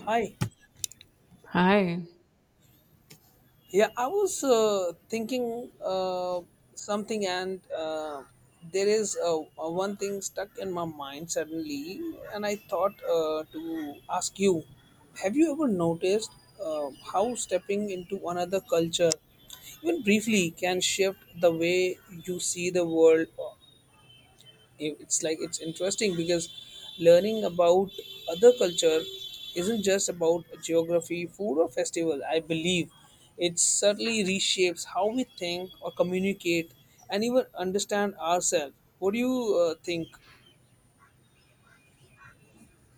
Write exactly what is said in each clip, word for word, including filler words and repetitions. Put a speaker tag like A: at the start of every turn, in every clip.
A: Hi.
B: Hi.
A: Yeah, I was uh, thinking uh, something, and uh, there is uh, uh, one thing stuck in my mind suddenly, and I thought uh, to ask you. Have you ever noticed uh, how stepping into another culture, even briefly, can shift the way you see the world uh, it- it's like it's interesting because learning about other culture isn't just about geography, food or festival, I believe it certainly reshapes how we think or communicate and even understand ourselves. What do you uh, think?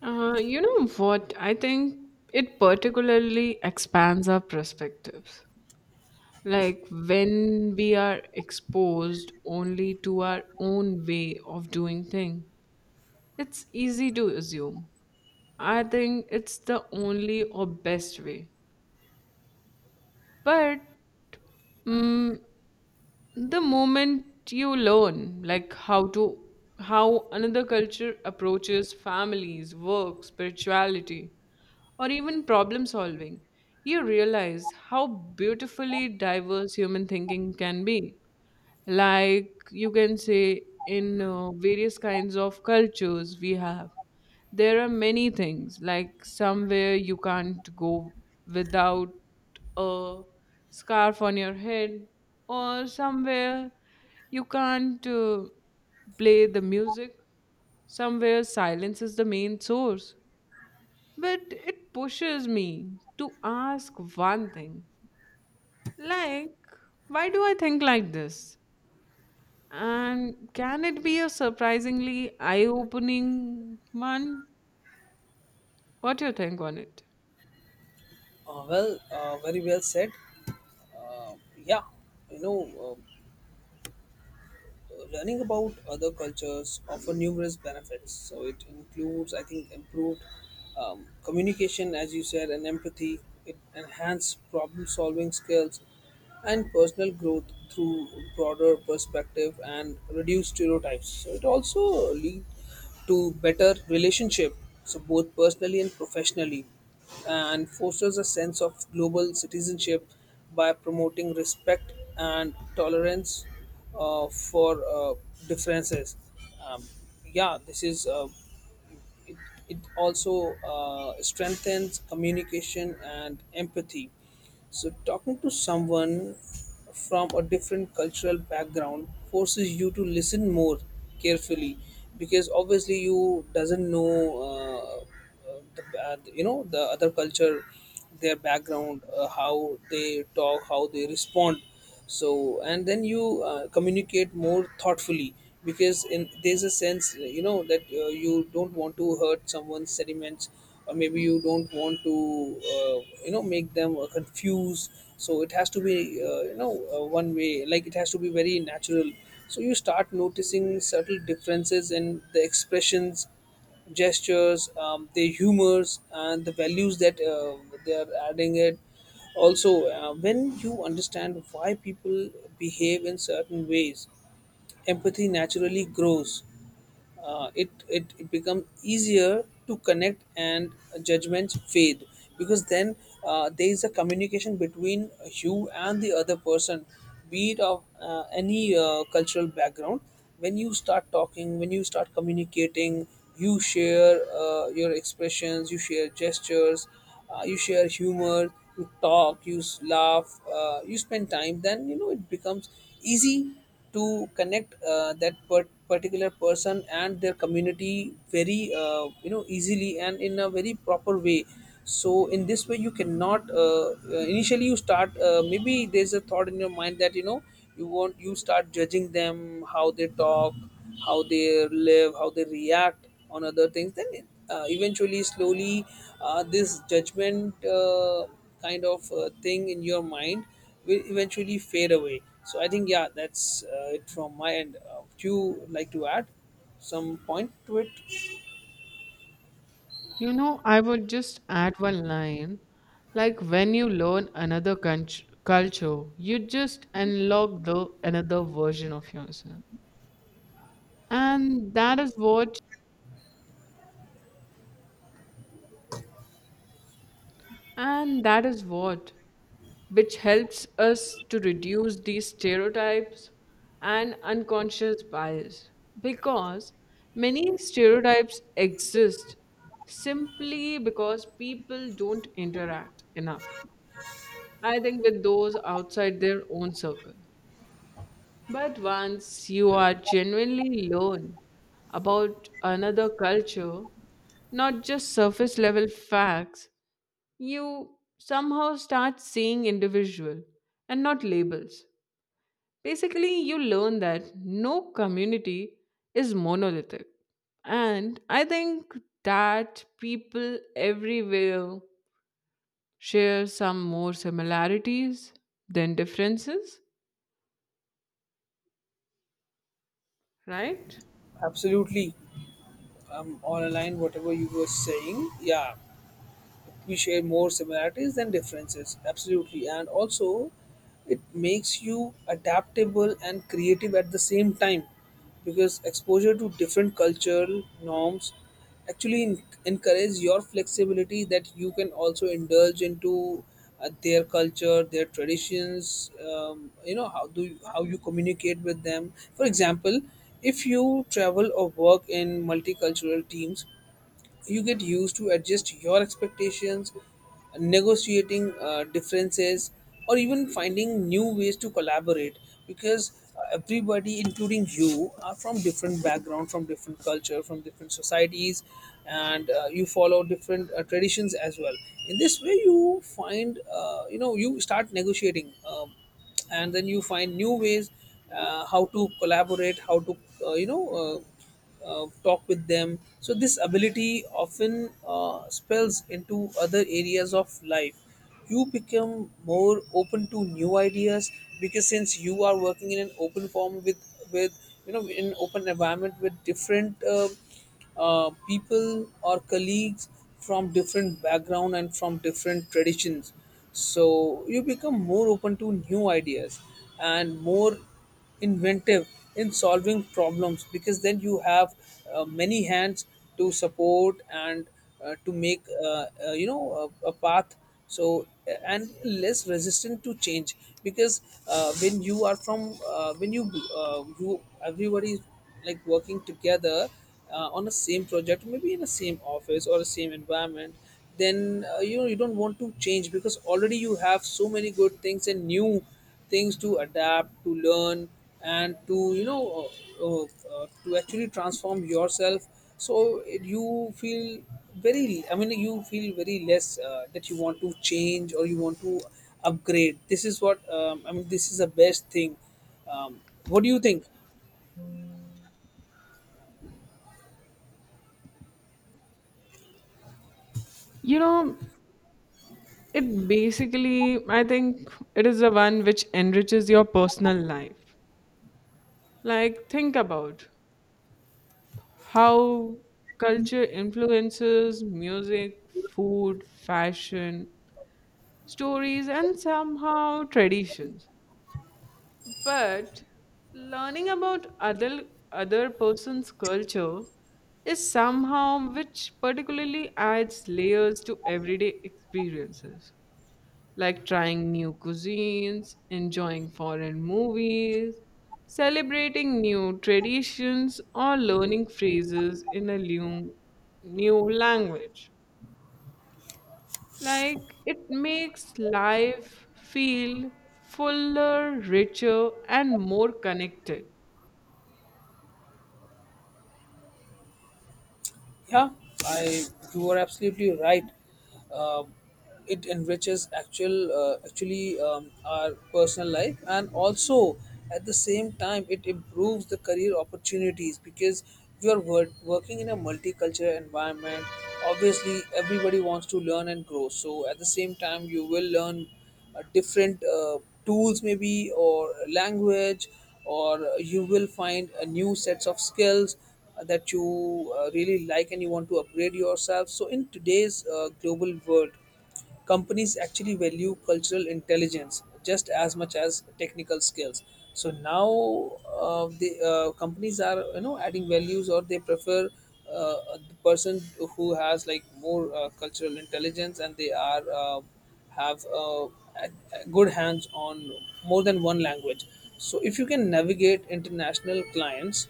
B: Uh, you know what? I think it particularly expands our perspectives. Like when we are exposed only to our own way of doing things, it's easy to assume. I think it's the only or best way. But mm, the moment you learn like how to how another culture approaches families, work, spirituality, or even problem solving, you realize how beautifully diverse human thinking can be. Like you can say, in uh, various kinds of cultures we have, there are many things, like somewhere you can't go without a scarf on your head, or somewhere you can't uh, play the music, somewhere silence is the main source, but it pushes me to ask one thing, like, why do I think like this? And can it be a surprisingly eye opening one? What do you think on it?
A: uh, Well, uh, very well said. uh, yeah. you know Uh, Learning about other cultures offer numerous benefits, so it includes, I think, improved um, communication, as you said, and empathy. It enhances problem solving skills and personal growth through broader perspective and reduce stereotypes, so it also leads to better relationship, so both personally and professionally, and fosters a sense of global citizenship by promoting respect and tolerance uh, for uh, differences. um, yeah, this is uh, it, it also uh, strengthens communication and empathy. So, talking to someone from a different cultural background forces you to listen more carefully because obviously you doesn't know. Uh, uh, the, uh, you know the other culture, their background, uh, how they talk, how they respond, so and then you uh, communicate more thoughtfully because in there's a sense you know that uh, you don't want to hurt someone's sentiments, or maybe you don't want to uh, you know make them uh, confused, so it has to be uh, you know uh, one way, like it has to be very natural. So you start noticing subtle differences in the expressions, gestures, um, their humors, and the values that uh, they are adding it. Also, uh, when you understand why people behave in certain ways, empathy naturally grows. Uh, it, it it becomes easier to connect and judgments fade because then uh, there is a communication between you and the other person, be it of uh, any uh, cultural background. When you start talking, when you start communicating, you share uh, your expressions, you share gestures, uh, you share humor, you talk, you s- laugh, uh, you spend time, then you know it becomes easy to connect uh, that per- particular person and their community very uh, you know easily and in a very proper way. So in this way you cannot uh, uh, initially, you start uh, maybe there's a thought in your mind that you know you want, you start judging them, how they talk, how they live, how they react on other things, then uh, eventually, slowly, uh, this judgment uh, kind of uh, thing in your mind will eventually fade away. So I think, yeah, that's uh, it from my end. Uh, would you like to add some point to it?
B: You know, I would just add one line, like, when you learn another cult- culture, you just unlock the another version of yourself. And that is what, and that is what which helps us to reduce these stereotypes and unconscious bias, because many stereotypes exist simply because people don't interact enough, I think, with those outside their own circle. But once you are genuinely learn about another culture, not just surface level facts, you somehow start seeing individual and not labels. Basically, you learn that no community is monolithic. And I think that people everywhere share some more similarities than differences, right?
A: Absolutely. I'm on a line, whatever you were saying. Yeah, we share more similarities than differences, absolutely. And also it makes you adaptable and creative at the same time, because exposure to different cultural norms actually en- encourage your flexibility, that you can also indulge into uh, their culture, their traditions. Um, you know how do you, how you communicate with them, for example. If you travel or work in multicultural teams, you get used to adjust your expectations, negotiating uh, differences, or even finding new ways to collaborate, because uh, everybody including you are from different background, from different culture, from different societies, and uh, you follow different uh, traditions as well. In this way you find, uh, you know you start negotiating, um, and then you find new ways, uh, how to collaborate, how to uh, you know uh, uh, talk with them. So this ability often uh, spills into other areas of life. You become more open to new ideas because since you are working in an open form with with you know in open environment with different. Uh, uh, people or colleagues from different background and from different traditions, so you become more open to new ideas and more inventive in solving problems, because then you have uh, many hands to support and uh, to make uh, uh, you know a, a path. So uh, and less resistant to change, because uh, when you are from uh, when you uh, you everybody like working together uh, on the same project, maybe in the same office or the same environment, then uh, you know you don't want to change because already you have so many good things and new things to adapt, to learn, and to you know uh, uh, uh, to actually transform yourself. So it- you feel very, I mean, you feel very less uh, that you want to change or you want to upgrade. This is what, um, I mean, this is the best thing. um, what do you think?
B: You know, it basically, I think it is the one which enriches your personal life. Like, think about how culture influences music, food, fashion, stories, and somehow traditions. But learning about other other person's culture is somehow which particularly adds layers to everyday experiences, like trying new cuisines, enjoying foreign movies, celebrating new traditions, or learning phrases in a new, new language. Like it makes life feel fuller, richer, and more connected.
A: Yeah, I you are absolutely right. Uh, it enriches actual uh, actually, um, our personal life, and also at the same time it improves the career opportunities because you are wor- working in a multicultural environment. Obviously, everybody wants to learn and grow. So at the same time, you will learn uh, different uh, tools, maybe, or language, or you will find a new sets of skills uh, that you uh, really like and you want to upgrade yourself. So, in today's uh, global world, companies actually value cultural intelligence just as much as technical skills. So now uh, the uh, companies are, you know, adding values, or they prefer uh, the person who has like more uh, cultural intelligence, and they are uh, have uh, a- a good hands on more than one language. So if you can navigate international clients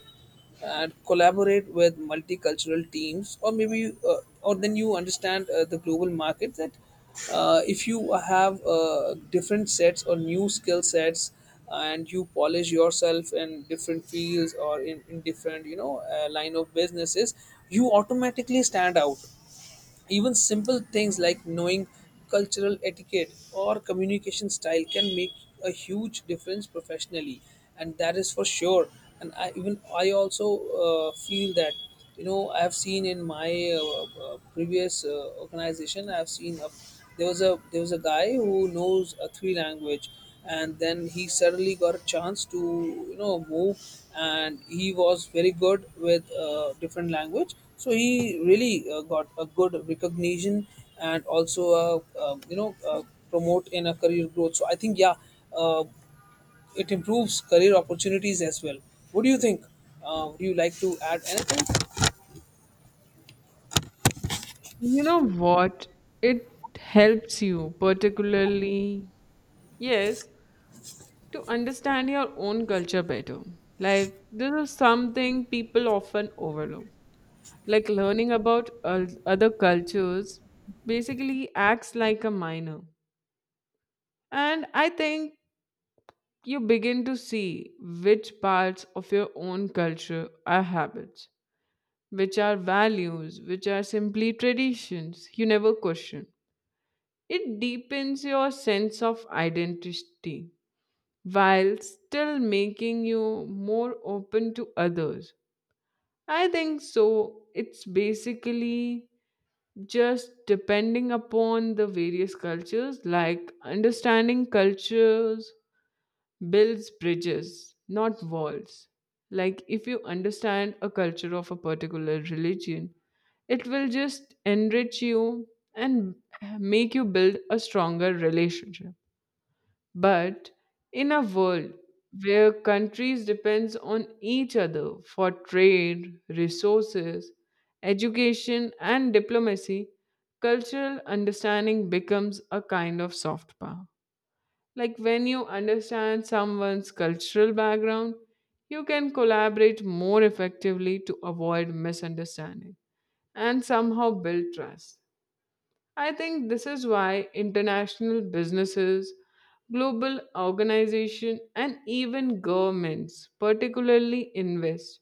A: and collaborate with multicultural teams, or maybe uh, or then you understand uh, the global market, that uh, if you have uh, different sets or new skill sets and you polish yourself in different fields or in, in different, you know, uh, line of businesses, you automatically stand out. Even simple things like knowing cultural etiquette or communication style can make a huge difference professionally, and that is for sure. And I even I also uh, feel that, you know, I have seen in my uh, uh, previous uh, organization, I have seen a, there was a there was a guy who knows a three language, and then he suddenly got a chance to, you know, move, and he was very good with uh, different language, so he really uh, got a good recognition, and also uh, uh, you know uh, promote in a career growth. So I think, yeah, uh, it improves career opportunities as well. What do you think? Uh, would you like to add anything?
B: You know what? It helps you, particularly, yes, to understand your own culture better. Like, this is something people often overlook. Like, learning about uh, other cultures basically acts like a minor. And I think you begin to see which parts of your own culture are habits, which are values, which are simply traditions you never question. It deepens your sense of identity while still making you more open to others. I think so. It's basically just depending upon the various cultures, like understanding cultures builds bridges, not walls. Like, if you understand a culture of a particular religion, it will just enrich you and make you build a stronger relationship. But in a world where countries depends on each other for trade, resources, education and diplomacy, cultural understanding becomes a kind of soft power. Like when you understand someone's cultural background, you can collaborate more effectively to avoid misunderstanding and somehow build trust. I think this is why international businesses, global organizations, and even governments particularly invest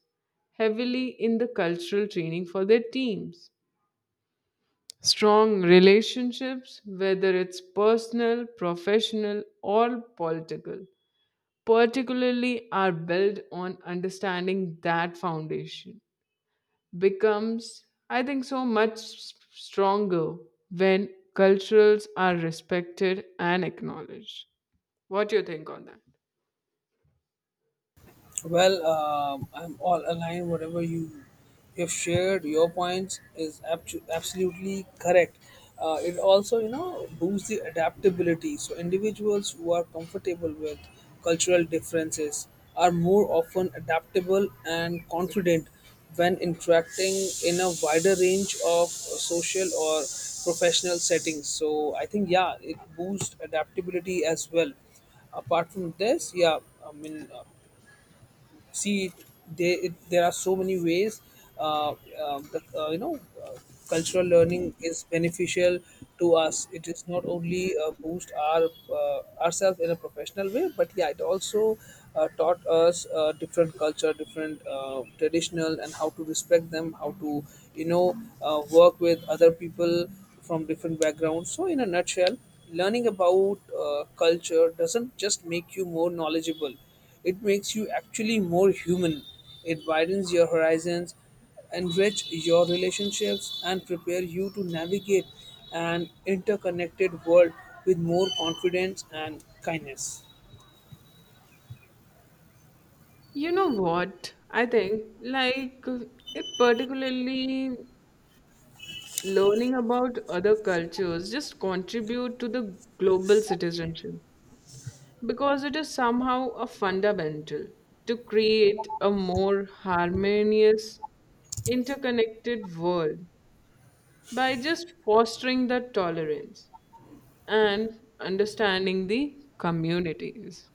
B: heavily in the cultural training for their teams. Strong relationships, whether it's personal, professional, or political, particularly are built on understanding that foundation becomes, I think, so much s- stronger when cultures are respected and acknowledged. What do you think on that?
A: Well, um, I'm all aligned. Whatever you you have shared, your points is abso- absolutely correct. Uh, it also, you know, boosts the adaptability. So individuals who are comfortable with cultural differences are more often adaptable and confident when interacting in a wider range of social or professional settings. So I think, yeah, it boosts adaptability as well apart from this. Yeah, I mean, uh, see they, there are so many ways uh, uh, the, uh, you know uh, cultural learning is beneficial to us. It is not only uh, boost our uh, ourselves in a professional way, but yeah, it also uh, taught us uh, different culture, different uh, traditional, and how to respect them, how to, you know, uh, work with other people from different backgrounds. So in a nutshell, learning about uh, culture doesn't just make you more knowledgeable, it makes you actually more human. It widens your horizons, enrich your relationships, and prepare you to navigate an interconnected world with more confidence and kindness.
B: You know what, I think like it particularly, learning about other cultures just contribute to the global citizenship. Because it is somehow a fundamental to create a more harmonious, interconnected world by just fostering the tolerance and understanding the communities.